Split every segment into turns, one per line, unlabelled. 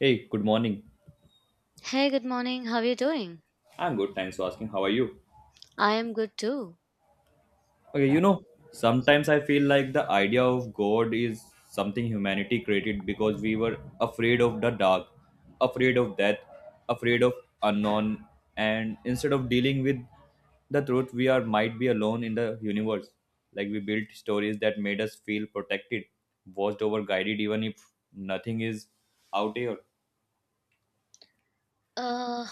Hey, good morning.
Hey, good morning. How are you doing?
I'm good, thanks for asking. How are you?
I am good too.
Okay, sometimes I feel like the idea of God is something humanity created because we were afraid of the dark, afraid of death, afraid of unknown, and instead of dealing with the truth, we are might be alone in the universe. Like we built stories that made us feel protected, watched over, guided, even if nothing is out here.
Uh,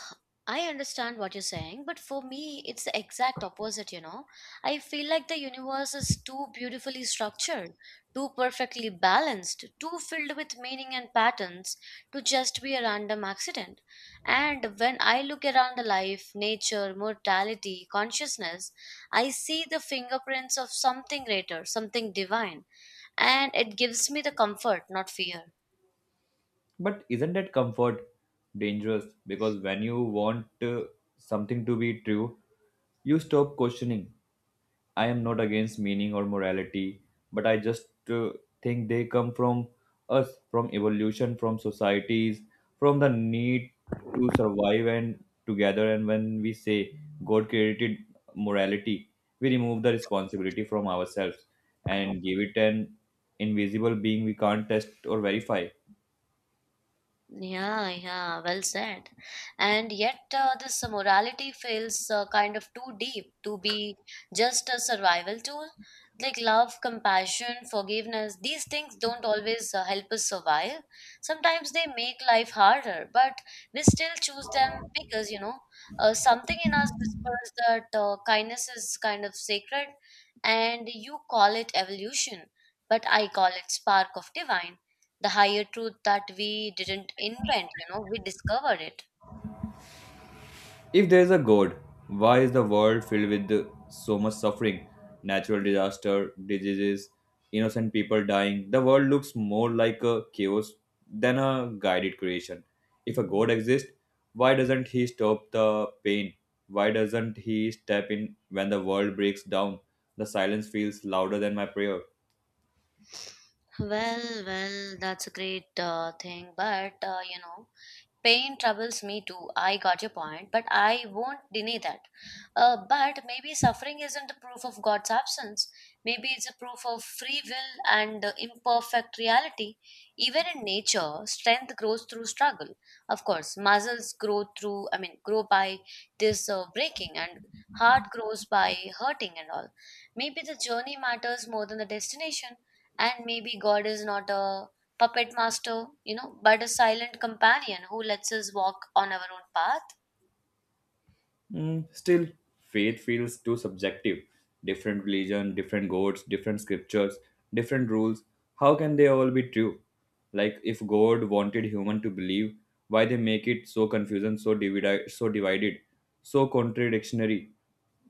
I understand what you're saying, but for me, it's the exact opposite, you know. I feel like the universe is too beautifully structured, too perfectly balanced, too filled with meaning and patterns to just be a random accident. And when I look around the life, nature, mortality, consciousness, I see the fingerprints of something greater, something divine, and it gives me the comfort, not fear.
But isn't that comfort dangerous? Because when you want something to be true, you stop questioning. I am not against meaning or morality, but I just think they come from us, from evolution, from societies, from the need to survive and together. And when we say God created morality, we remove the responsibility from ourselves and give it an invisible being we can't test or verify.
Yeah, yeah, well said. And yet, this morality feels kind of too deep to be just a survival tool. Like love, compassion, forgiveness, these things don't always help us survive. Sometimes they make life harder, but we still choose them. Something in us whispers that kindness is kind of sacred, and you call it evolution, but I call it spark of divine, the higher truth that we didn't invent. We discovered it.
If there is a God, why is the world filled with so much suffering? Natural disaster, diseases, innocent people dying. The world looks more like a chaos than a guided creation. If a God exists, why doesn't He stop the pain? Why doesn't He step in when the world breaks down? The silence feels louder than my prayer.
Well, well, that's a great thing, but uh. Pain troubles me too. I got your point, but I won't deny that. But maybe suffering isn't the proof of God's absence. Maybe it's a proof of free will and imperfect reality. Even in nature, strength grows through struggle. Of course, muscles grow through, I mean, grow by this breaking, and heart grows by hurting and all. Maybe the journey matters more than the destination, and maybe God is not a puppet master, you know, but a silent companion who lets us walk on our own path.
Still, faith feels too subjective. Different religion, different gods, different scriptures, different rules. How can they all be true? Like if God wanted human to believe, why they make it so confusing, so divided, so contradictory?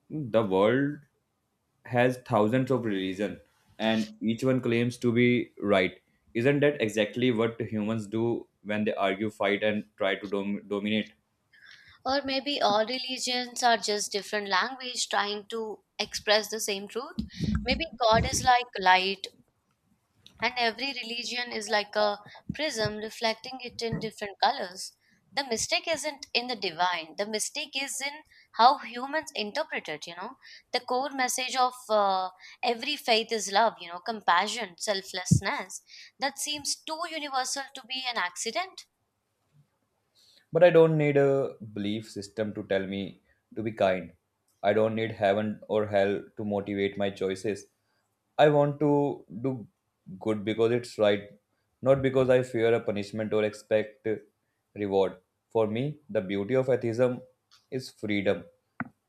The world has thousands of religion, and each one claims to be right. Isn't that exactly what humans do when they argue, fight, and try to dominate?
Or maybe all religions are just different language trying to express the same truth. Maybe God is like light and every religion is like a prism reflecting it in different colors. The mistake isn't in the divine, the mistake is in how humans interpret it. You know, the core message of every faith is love, you know, compassion, selflessness. That seems too universal to be an accident.
But I don't need a belief system to tell me to be kind. I don't need heaven or hell to motivate my choices. I want to do good because it's right, not because I fear a punishment or expect reward. For me, the beauty of atheism is freedom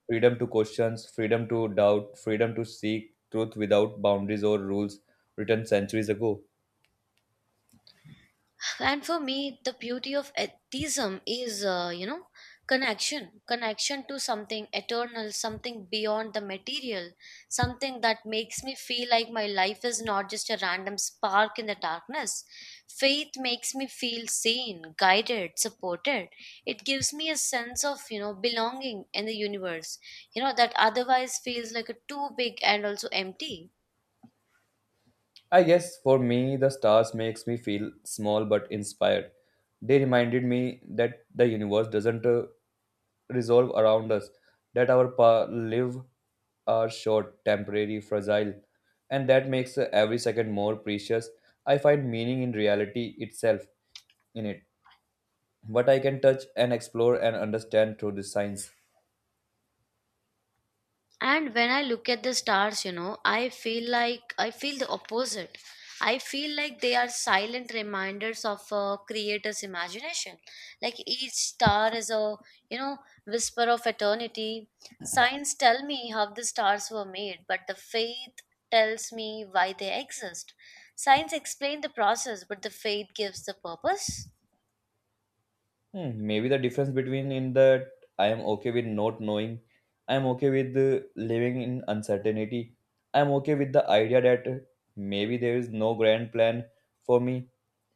freedom to questions, freedom to doubt, freedom to seek truth without boundaries or rules written centuries ago.
And for me, the beauty of atheism is uh. Connection, to something eternal, something beyond the material, something that makes me feel like my life is not just a random spark in the darkness. Faith makes me feel seen, guided, supported. It gives me a sense of, you know, belonging in the universe, you know, that otherwise feels like a too big and also empty.
I guess for me, the stars makes me feel small but inspired. They reminded me that the universe doesn't resolve around us, that our live are short, temporary, fragile, and that makes every second more precious. I find meaning in reality itself in it, what I can touch and explore and understand through the science.
And when I look at the stars, you know, I feel like I feel the opposite. I feel like they are silent reminders of a creator's imagination. Like each star is a, you know, whisper of eternity. Signs tell me how the stars were made, but the faith tells me why they exist. Science explains the process, but the faith gives the purpose.
Maybe the difference between in that I am okay with not knowing, I am okay with living in uncertainty, I am okay with the idea that maybe there is no grand plan for me.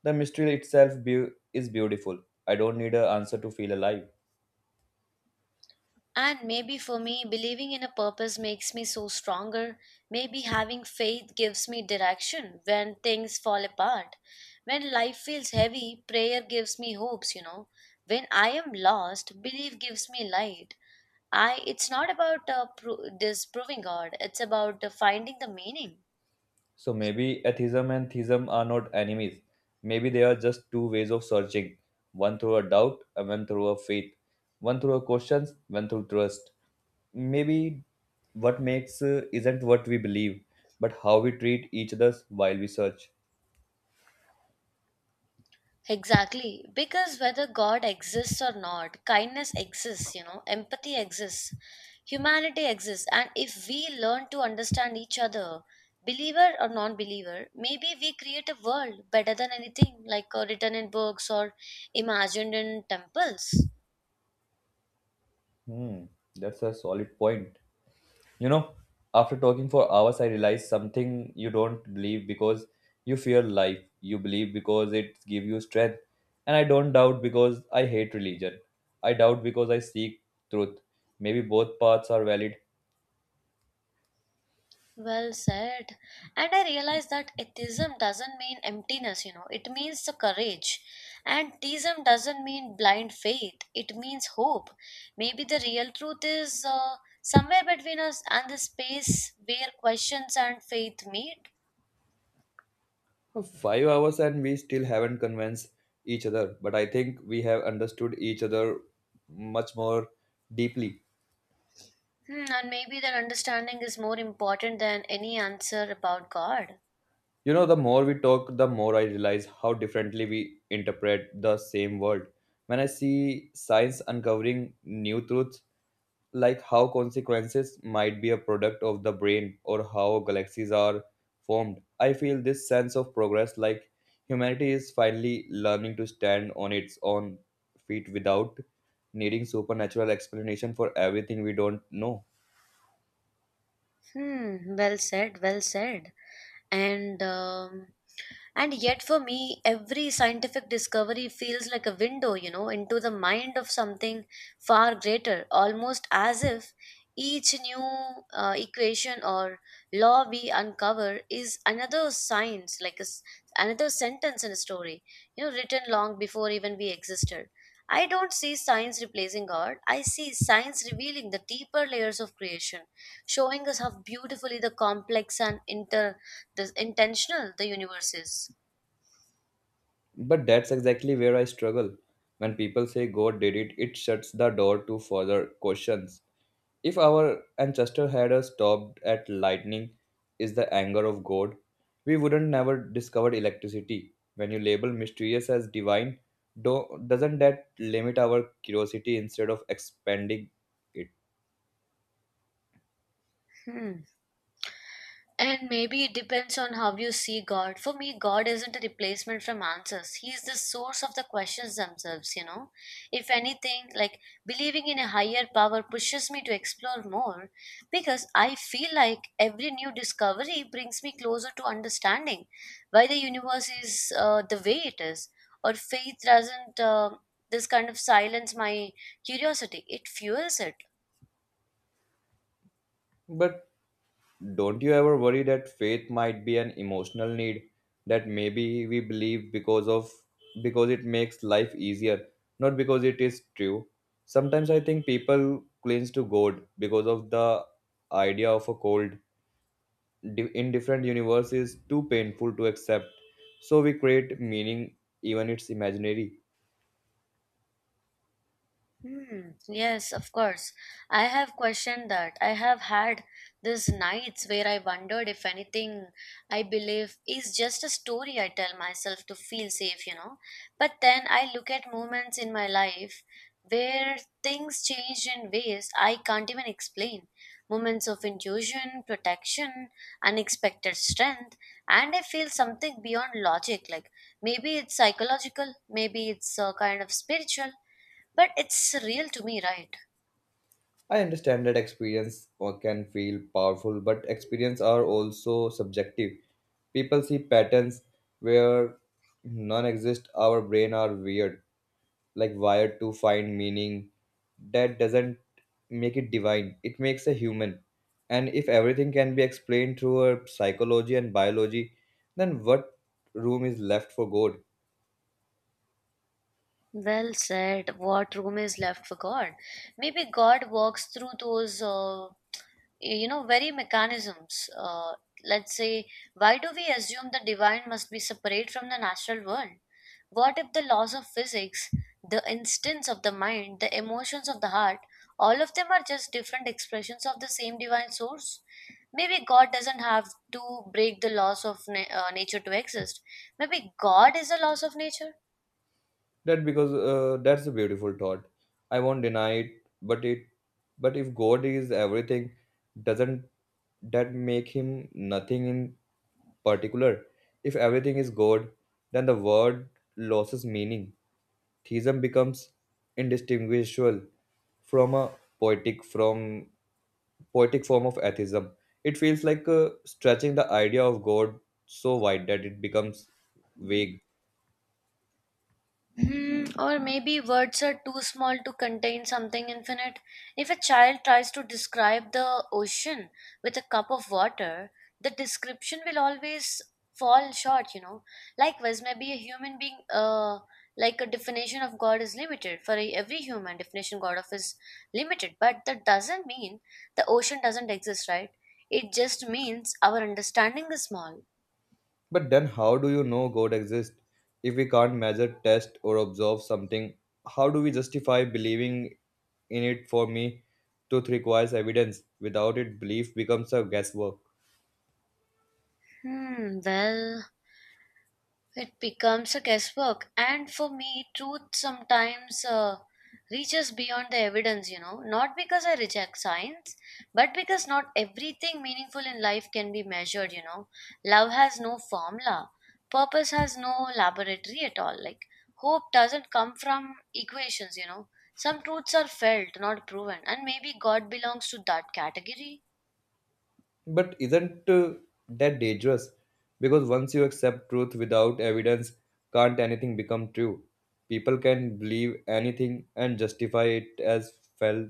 The mystery itself beau is beautiful. I don't need an answer to feel alive.
And maybe for me, believing in a purpose makes me so stronger. Maybe having faith gives me direction when things fall apart. When life feels heavy, prayer gives me hopes, you know. When I am lost, belief gives me light. I it's not about disproving God, it's about finding the meaning.
So maybe atheism and theism are not enemies. Maybe they are just two ways of searching, one through a doubt, and one through a faith, one through a questions, one through trust. Maybe what makes isn't what we believe, but how we treat each other while we search.
Exactly. Because whether God exists or not, kindness exists, you know, empathy exists, humanity exists. And if we learn to understand each other, believer or non believer, maybe we create a world better than anything like written in books or imagined in temples.
Hmm, that's a solid point. You know, after talking for hours, I realized something, you don't believe because you fear life. You believe because it gives you strength. And I don't doubt because I hate religion. I doubt because I seek truth. Maybe both paths are valid.
Well said. And I realized that atheism doesn't mean emptiness, you know, it means the courage. And theism doesn't mean blind faith, it means hope. Maybe the real truth is somewhere between us and the space where questions and faith meet.
5 hours and we still haven't convinced each other. But I think we have understood each other much more deeply.
Hmm, and maybe that understanding is more important than any answer about God.
You know, the more we talk, the more I realize how differently we interpret the same world. When I see science uncovering new truths, like how consequences might be a product of the brain or how galaxies are formed, I feel this sense of progress, like humanity is finally learning to stand on its own feet without needing supernatural explanation for everything we don't know.
Hmm, well said, well said. And um, And yet, for me, every scientific discovery feels like a window, you know, into the mind of something far greater, almost as if each new equation or law we uncover is another science, like a s another sentence in a story, you know, written long before even we existed. I don't see science replacing art. I see science revealing the deeper layers of creation, showing us how beautifully the complex and inter the intentional the universe is.
But that's exactly where I struggle. When people say God did it, it shuts the door to further questions. If our ancestor had stopped at lightning, is the anger of God, we wouldn't never discovered electricity. When you label mysterious as divine, doesn't that limit our curiosity instead of expanding it?
Hmm. And maybe it depends on how you see God. For me, God isn't a replacement from answers. He is the source of the questions themselves, you know. If anything, like believing in a higher power pushes me to explore more because I feel like every new discovery brings me closer to understanding why the universe is, the way it is. Or faith doesn't, this kind of silence my curiosity, it fuels it.
But don't you ever worry that faith might be an emotional need, that maybe we believe because it makes life easier, not because it is true. Sometimes I think people cling to God because of the idea of a cold indifferent universe is too painful to accept. So we create meaning even it's imaginary.
Hmm, yes, of course. I have questioned that. I have had these nights where I wondered if anything I believe is just a story I tell myself to feel safe, you know. But then I look at moments in my life where things changed in ways I can't even explain. Moments of intuition, protection, unexpected strength, and I feel something beyond logic. Like maybe it's psychological, maybe it's kind of spiritual, but it's real to me, right?
I understand that experience can feel powerful, but experience are also subjective. People see patterns where none exist. Our brain are weird, like wired to find meaning. That doesn't make it divine. It makes a human. And if everything can be explained through our psychology and biology, then what room is left for God?
Well said. What room is left for God? Maybe God walks through those, you know, very mechanisms. Let's say, why do we assume the divine must be separate from the natural world? What if the laws of physics, the instincts of the mind, the emotions of the heart, all of them are just different expressions of the same divine source? Maybe God doesn't have to break the laws of nature to exist. Maybe God is a laws of nature.
That's a beautiful thought. I won't deny it, but it but if God is everything, doesn't that make Him nothing in particular? If everything is God, then the word loses meaning. Theism becomes indistinguishable from a poetic from poetic form of atheism. It feels like stretching the idea of God so wide that it becomes vague.
Hmm, or maybe words are too small to contain something infinite. If a child tries to describe the ocean with a cup of water, the description will always fall short, you know. Likewise, maybe a human being, like a definition of God is limited. Every human, definition God of is limited. But that doesn't mean the ocean doesn't exist, right? It just means our understanding is small.
But then, how do you know God exists if we can't measure, test, or observe something? How do we justify believing in it? For me, truth requires evidence. Without it, belief becomes a guesswork.
Hmm, well. It becomes a guesswork, and for me, truth sometimes reaches beyond the evidence, you know, not because I reject science, but because not everything meaningful in life can be measured, you know. Love has no formula, purpose has no laboratory at all. Like, hope doesn't come from equations, you know. Some truths are felt, not proven, and maybe God belongs to that category.
But isn't that dangerous? Because once you accept truth without evidence, can't anything become true? People can believe anything and justify it as felt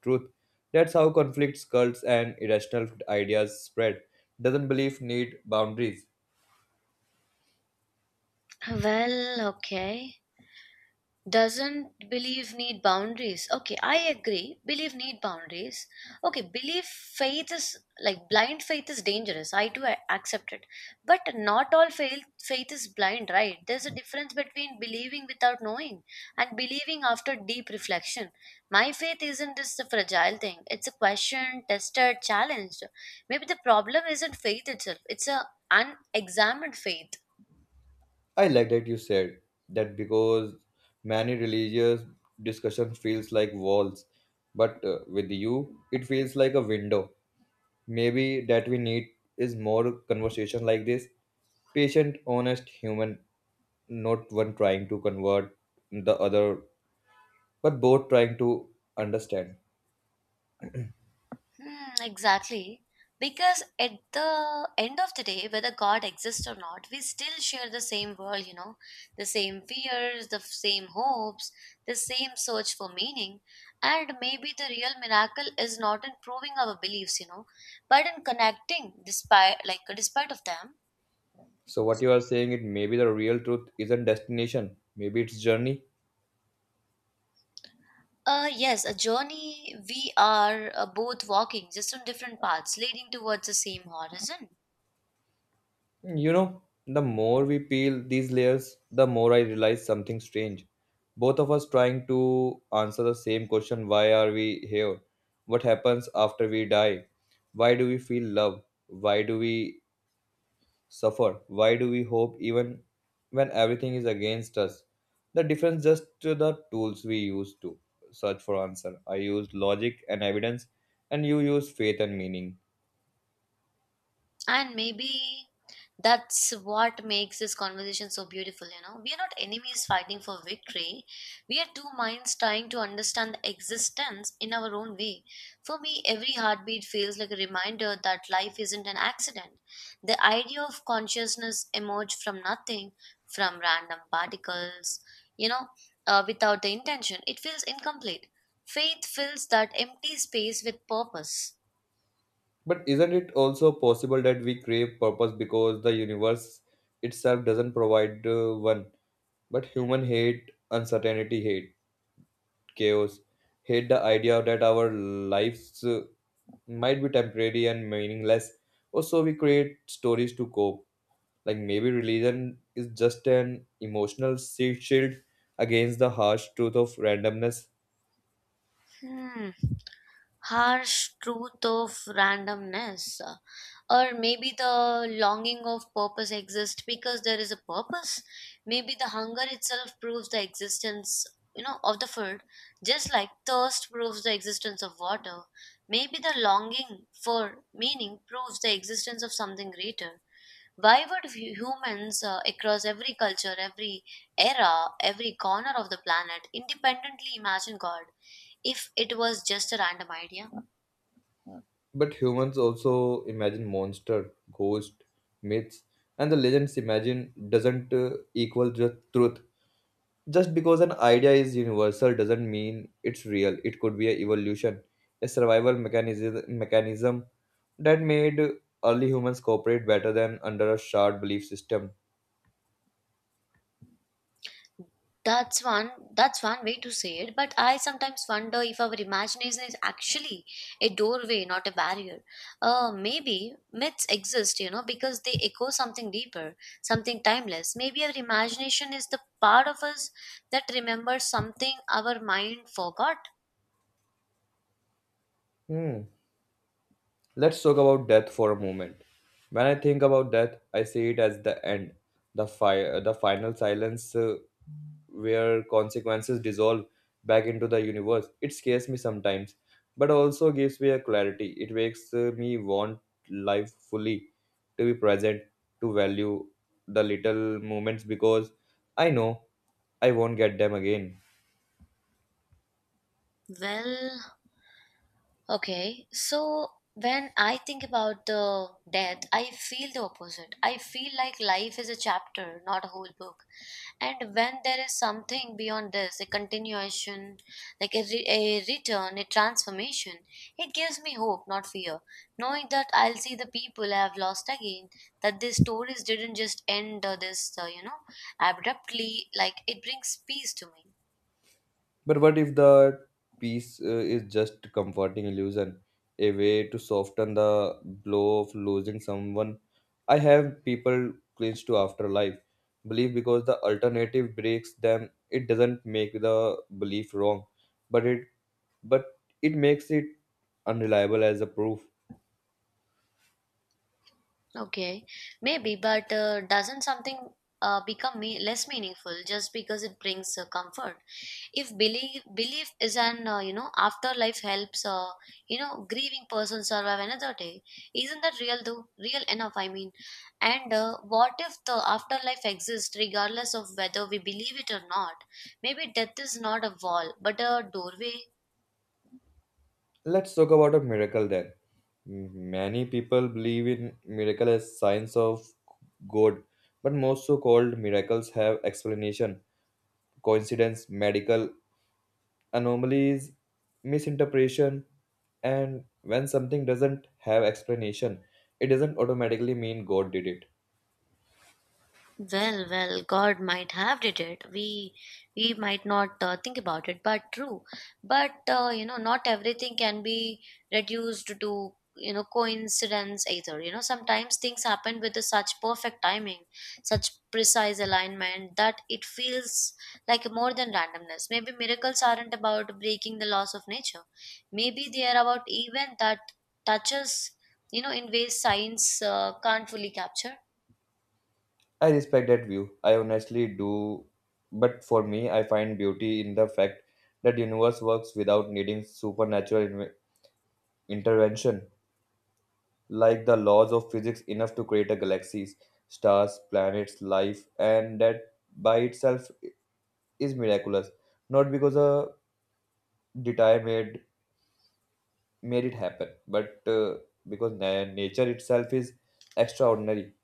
truth. That's how conflicts, cults, and irrational ideas spread. Doesn't belief need boundaries?
Well, okay. Doesn't belief need boundaries? Okay, I agree. Belief need boundaries. Okay, belief faith is like blind faith is dangerous. I accept it, but not all faith is blind, right? There's a difference between believing without knowing and believing after deep reflection. My faith isn't just a fragile thing. It's a question, tested, challenged. Maybe the problem isn't faith itself. It's a unexamined faith.
I like that you said that, because many religious discussion feels like walls, but with you it feels like a window. Maybe that we need is more conversation like this, patient, honest, human, not one trying to convert the other, but both trying to understand.
Hmm, exactly. Because at the end of the day, whether God exists or not, we still share the same world, you know, the same fears, the same hopes, the same search for meaning. And maybe the real miracle is not in proving our beliefs, you know, but in connecting despite, like, despite of them.
So what you are saying it maybe the real truth isn't destination, maybe it's journey.
Yes, a journey we are both walking, just on different paths, leading towards the same horizon.
You know, the more we peel these layers, the more I realize something strange. Both of us trying to answer the same question, why are we here? What happens after we die? Why do we feel love? Why do we suffer? Why do we hope even when everything is against us? The difference just to the tools we use to search for answer. I used logic and evidence and you use faith and meaning.
And maybe that's what makes this conversation so beautiful, you know. We are not enemies fighting for victory. We are two minds trying to understand the existence in our own way. For me, every heartbeat feels like a reminder that life isn't an accident. The idea of consciousness emerged from nothing, from random particles, you know, without the intention. It feels incomplete. Faith fills that empty space with purpose.
But isn't it also possible that we crave purpose because the universe itself doesn't provide one? But human hate uncertainty, hate chaos, hate the idea that our lives might be temporary and meaningless. Also, we create stories to cope. Like maybe religion is just an emotional shield against the harsh truth of randomness.
Hmm. Harsh truth of randomness, or maybe the longing of purpose exists because there is a purpose. Maybe the hunger itself proves the existence, you know, of the food, just like thirst proves the existence of water. Maybe the longing for meaning proves the existence of something greater. Why would humans, across every culture, every era, every corner of the planet independently imagine God if it was just a random idea?
But humans also imagine monster, ghost, myths, and the legends, imagine doesn't equal the truth. Just because an idea is universal doesn't mean it's real. It could be an evolution, a survival mechanism that made early humans cooperate better than under a shared belief system.
That's one way to say it, but I sometimes wonder if our imagination is actually a doorway, not a barrier. Maybe myths exist, you know, because they echo something deeper, something timeless. Maybe our imagination is the part of us that remembers something our mind forgot.
Hmm. Let's talk about death for a moment. When I think about death, I see it as the end, the final silence where consequences dissolve back into the universe. It scares me sometimes, but also gives me a clarity. It makes me want life fully, to be present, to value the little moments because I know I won't get them again.
Well, okay. So when I think about the death, I feel the opposite. I feel like life is a chapter, not a whole book. And when there is something beyond this, a continuation, like a return, a transformation, it gives me hope, not fear. Knowing that I'll see the people I have lost again, that these stories didn't just end abruptly, like it brings peace to me.
But what if the peace is just comforting illusion, a way to soften the blow of losing someone? I have people clinch to afterlife belief because the alternative breaks them. It doesn't make the belief wrong, but it but it makes it unreliable as a proof.
Okay, maybe, but doesn't something less meaningful just because it brings comfort? If belief is an afterlife helps grieving person survive another day, isn't that real though? Real enough, I mean. And what if the afterlife exists regardless of whether we believe it or not? Maybe death is not a wall but a doorway.
Let's talk about a miracle then. Many people believe in miracle as signs of God, but most so-called miracles have explanation, coincidence, medical anomalies, misinterpretation, and when something doesn't have explanation, it doesn't automatically mean God did it.
Well, God might have did it. We might not think about it, but true. But not everything can be reduced to coincidence either. You know, sometimes things happen with the such perfect timing, such precise alignment that it feels like more than randomness. Maybe miracles aren't about breaking the laws of nature. Maybe they are about event that touches in ways science can't fully capture.
I respect that view. I honestly do, but for me, I find beauty in the fact that universe works without needing supernatural intervention, like the laws of physics enough to create a galaxies, stars, planets, life, and that by itself is miraculous, not because a detail made it happen but because nature itself is extraordinary.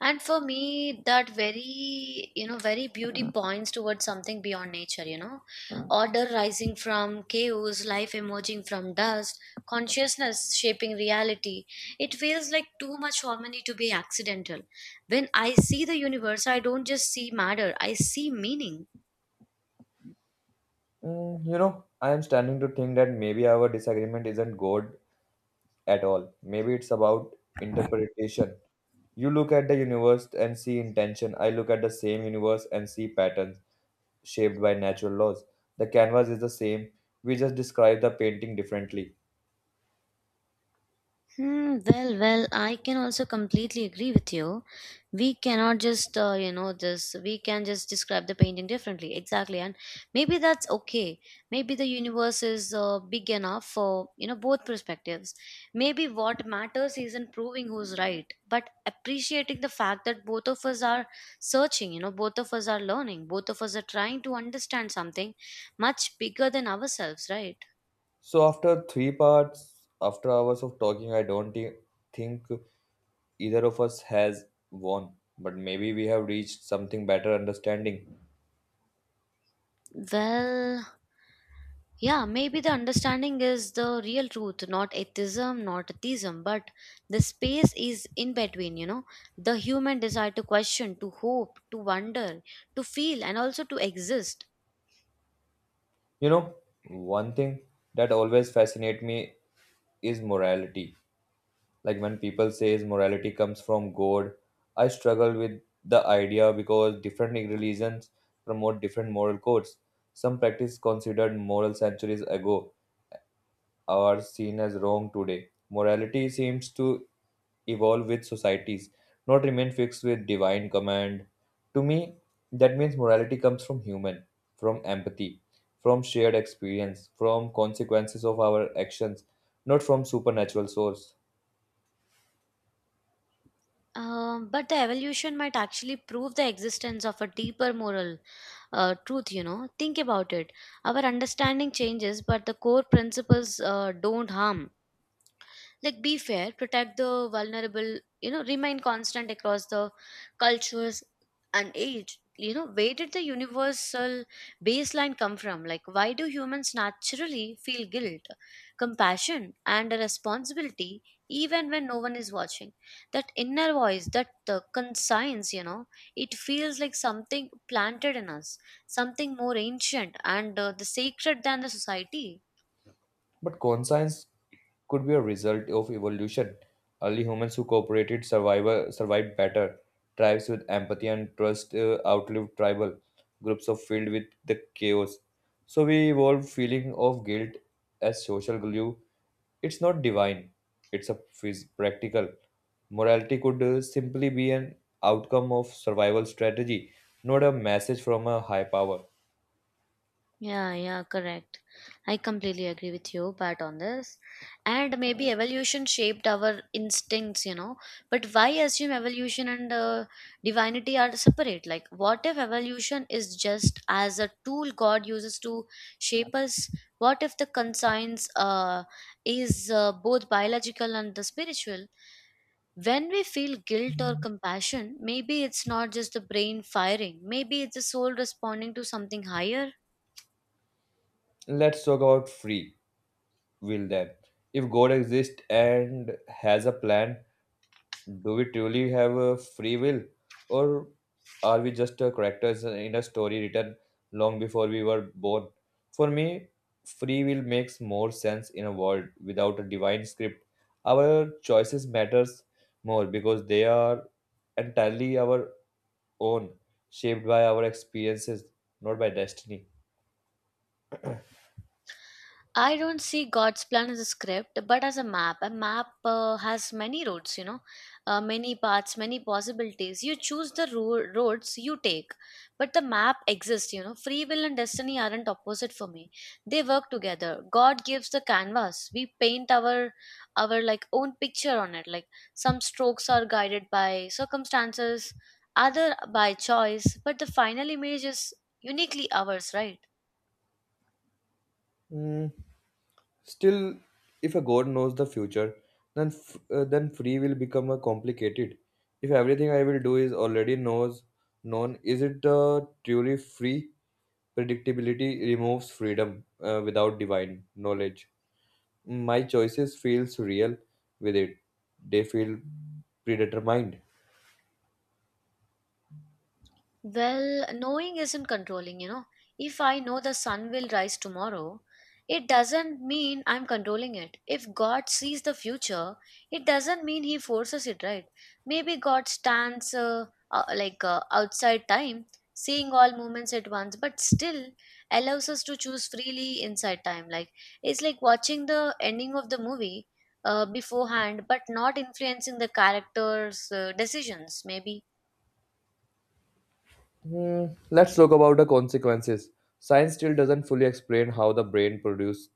And for me, that very beauty points towards something beyond nature, you know. Order rising from chaos, life emerging from dust, consciousness shaping reality. It feels like too much harmony to be accidental. When I see the universe, I don't just see matter, I see meaning.
I am starting to think that maybe our disagreement isn't God at all. Maybe it's about interpretation. You look at the universe and see intention. I look at the same universe and see patterns shaped by natural laws. The canvas is the same, we just describe the painting differently.
Hmm. Well, I can also completely agree with you. We cannot just, we can just describe the painting differently. Exactly. And maybe that's okay. Maybe the universe is big enough for, you know, both perspectives. Maybe what matters isn't proving who's right, but appreciating the fact that both of us are searching, you know, both of us are learning, both of us are trying to understand something much bigger than ourselves, right?
So after three parts, after hours of talking, I don't think either of us has won, but maybe we have reached something better, understanding.
Well, yeah, maybe the understanding is the real truth, not atheism, but the space is in between, you know. The human desire to question, to hope, to wonder, to feel, and also to exist.
You know, one thing that always fascinates me is morality. Like when people say morality comes from God, I struggle with the idea because different religions promote different moral codes. Some practice considered moral centuries ago, are seen as wrong today. Morality seems to evolve with societies, not remain fixed with divine command. To me, that means morality comes from human, from empathy, from shared experience, from consequences of our actions, not from supernatural source.
But the evolution might actually prove the existence of a deeper moral truth, you know. Think about it. Our understanding changes, but the core principles don't harm. Like be fair, protect the vulnerable, you know, remain constant across the cultures and age. You know, where did the universal baseline come from? Like why do humans naturally feel guilt, compassion, and a responsibility even when no one is watching? That inner voice, that conscience, you know, it feels like something planted in us, something more ancient and the sacred than the society.
But conscience could be a result of evolution. Early humans who cooperated survived better. Tribes with empathy and trust outlived tribal groups of filled with the chaos. So we evolved feeling of guilt as social glue. It's not divine. It's a practical. Morality could simply be an outcome of survival strategy, not a message from a high power.
Yeah, yeah, correct. I completely agree with you, Pat, on this. And maybe evolution shaped our instincts, you know. But why assume evolution and divinity are separate? Like, what if evolution is just as a tool God uses to shape us? What if the conscience is both biological and the spiritual? When we feel guilt or compassion, maybe it's not just the brain firing, maybe it's the soul responding to something higher.
Let's talk about free will then. If God exists and has a plan, do we truly have a free will? Or are we just characters in a story written long before we were born? For me, free will makes more sense in a world without a divine script. Our choices matters more because they are entirely our own, shaped by our experiences, not by destiny.
I don't see God's plan as a script, but as a map. A map has many roads, you know, many paths, many possibilities. You choose the roads you take, but the map exists, you know. Free will and destiny aren't opposite for me; they work together. God gives the canvas; we paint our own picture on it. Like some strokes are guided by circumstances, other by choice, but the final image is uniquely ours, right?
Mm, Still, if a god knows the future, then then free will become a complicated. If everything I will do is already knows known, is it the truly free? Predictability removes freedom without divine knowledge. My choices feels real with it. They feel predetermined.
Well, knowing isn't controlling, you know. If I know the sun will rise tomorrow, it doesn't mean I'm controlling it. If God sees the future, it doesn't mean He forces it, right? Maybe God stands like outside time, seeing all movements at once, but still allows us to choose freely inside time. Like it's like watching the ending of the movie beforehand, but not influencing the characters' decisions. Maybe.
Let's talk about the consequences. Science still doesn't fully explain how the brain produce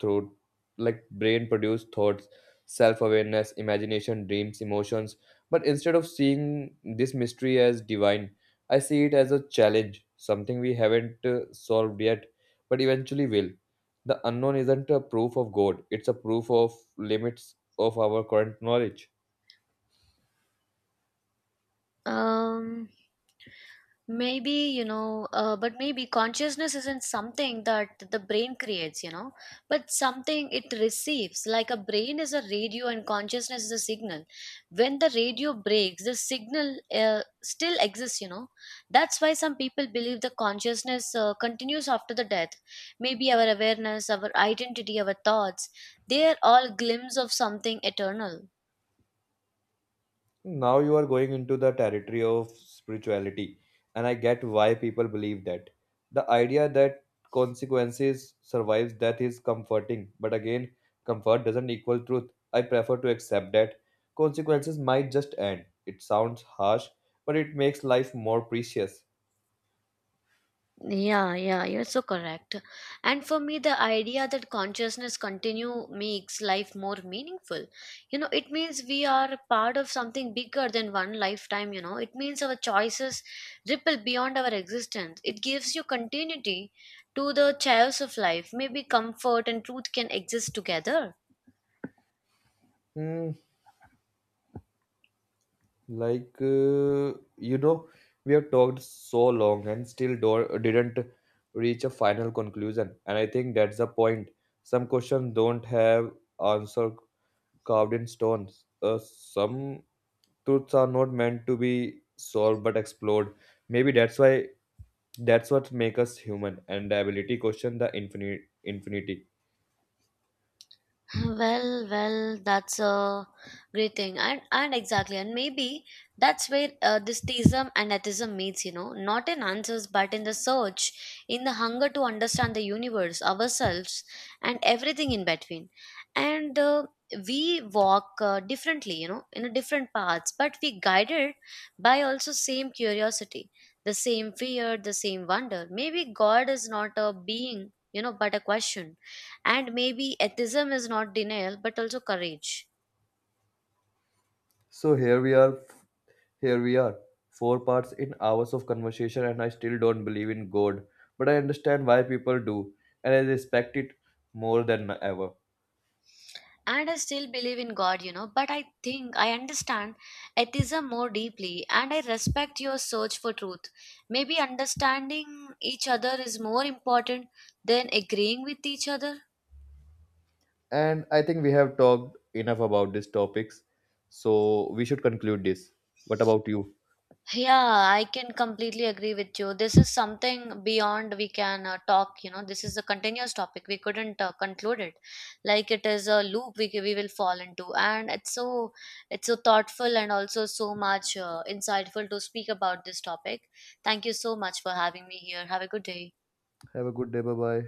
through like brain produce thoughts, self-awareness, imagination, dreams, emotions. But instead of seeing this mystery as divine, I see it as a challenge, something we haven't solved yet, but eventually will. The unknown isn't a proof of God, it's a proof of limits of our current knowledge.
Um maybe but maybe consciousness isn't something that the brain creates, you know, but something it receives. Like a brain is a radio and consciousness is a signal. When the radio breaks the signal still exists, you know. That's why some people believe the consciousness continues after the death. Maybe our awareness, our identity, our thoughts, they are all glimpses of something eternal.
Now you are going into the territory of spirituality, and I get why people believe that. The idea that consequences survives death is comforting, but again, comfort doesn't equal truth. I prefer to accept that consequences might just end. It sounds harsh, but it makes life more precious.
Yeah, yeah, you're so correct. And for me, the idea that consciousness continue makes life more meaningful. You know, it means we are a part of something bigger than one lifetime, you know. It means our choices ripple beyond our existence. It gives you continuity to the chaos of life. Maybe comfort and truth can exist together.
Hmm, Like, uh, you know, we have talked so long and still didn't reach a final conclusion. And I think that's the point. Some questions don't have answer carved in stones. Some truths are not meant to be solved but explored. Maybe that's what makes us human and the ability question the infinite infinity.
Well, that's a great thing, and exactly, and maybe that's where this theism and atheism meets. You know, not in answers, but in the search, in the hunger to understand the universe, ourselves, and everything in between. And we walk differently, you know, in a different paths, but we guided by also same curiosity, the same fear, the same wonder. Maybe God is not a being, you know, but a question, and maybe atheism is not denial, but also courage.
So here we are Here we are, four parts in hours of conversation, and I still don't believe in God, but I understand why people do, and I respect it more than ever.
And I still believe in God, you know, but I think I understand atheism more deeply and I respect your search for truth. Maybe understanding each other is more important than agreeing with each other.
And I think we have talked enough about these topics, so we should conclude this. What about you?
Yeah, I can completely agree with you. This is something beyond we can talk, you know. This is a continuous topic. We couldn't conclude it. Like it is a loop we, we will fall into and it's so thoughtful and also so much insightful to speak about this topic. Thank you so much for having me here. Have a good day.
Have a good day, bye bye.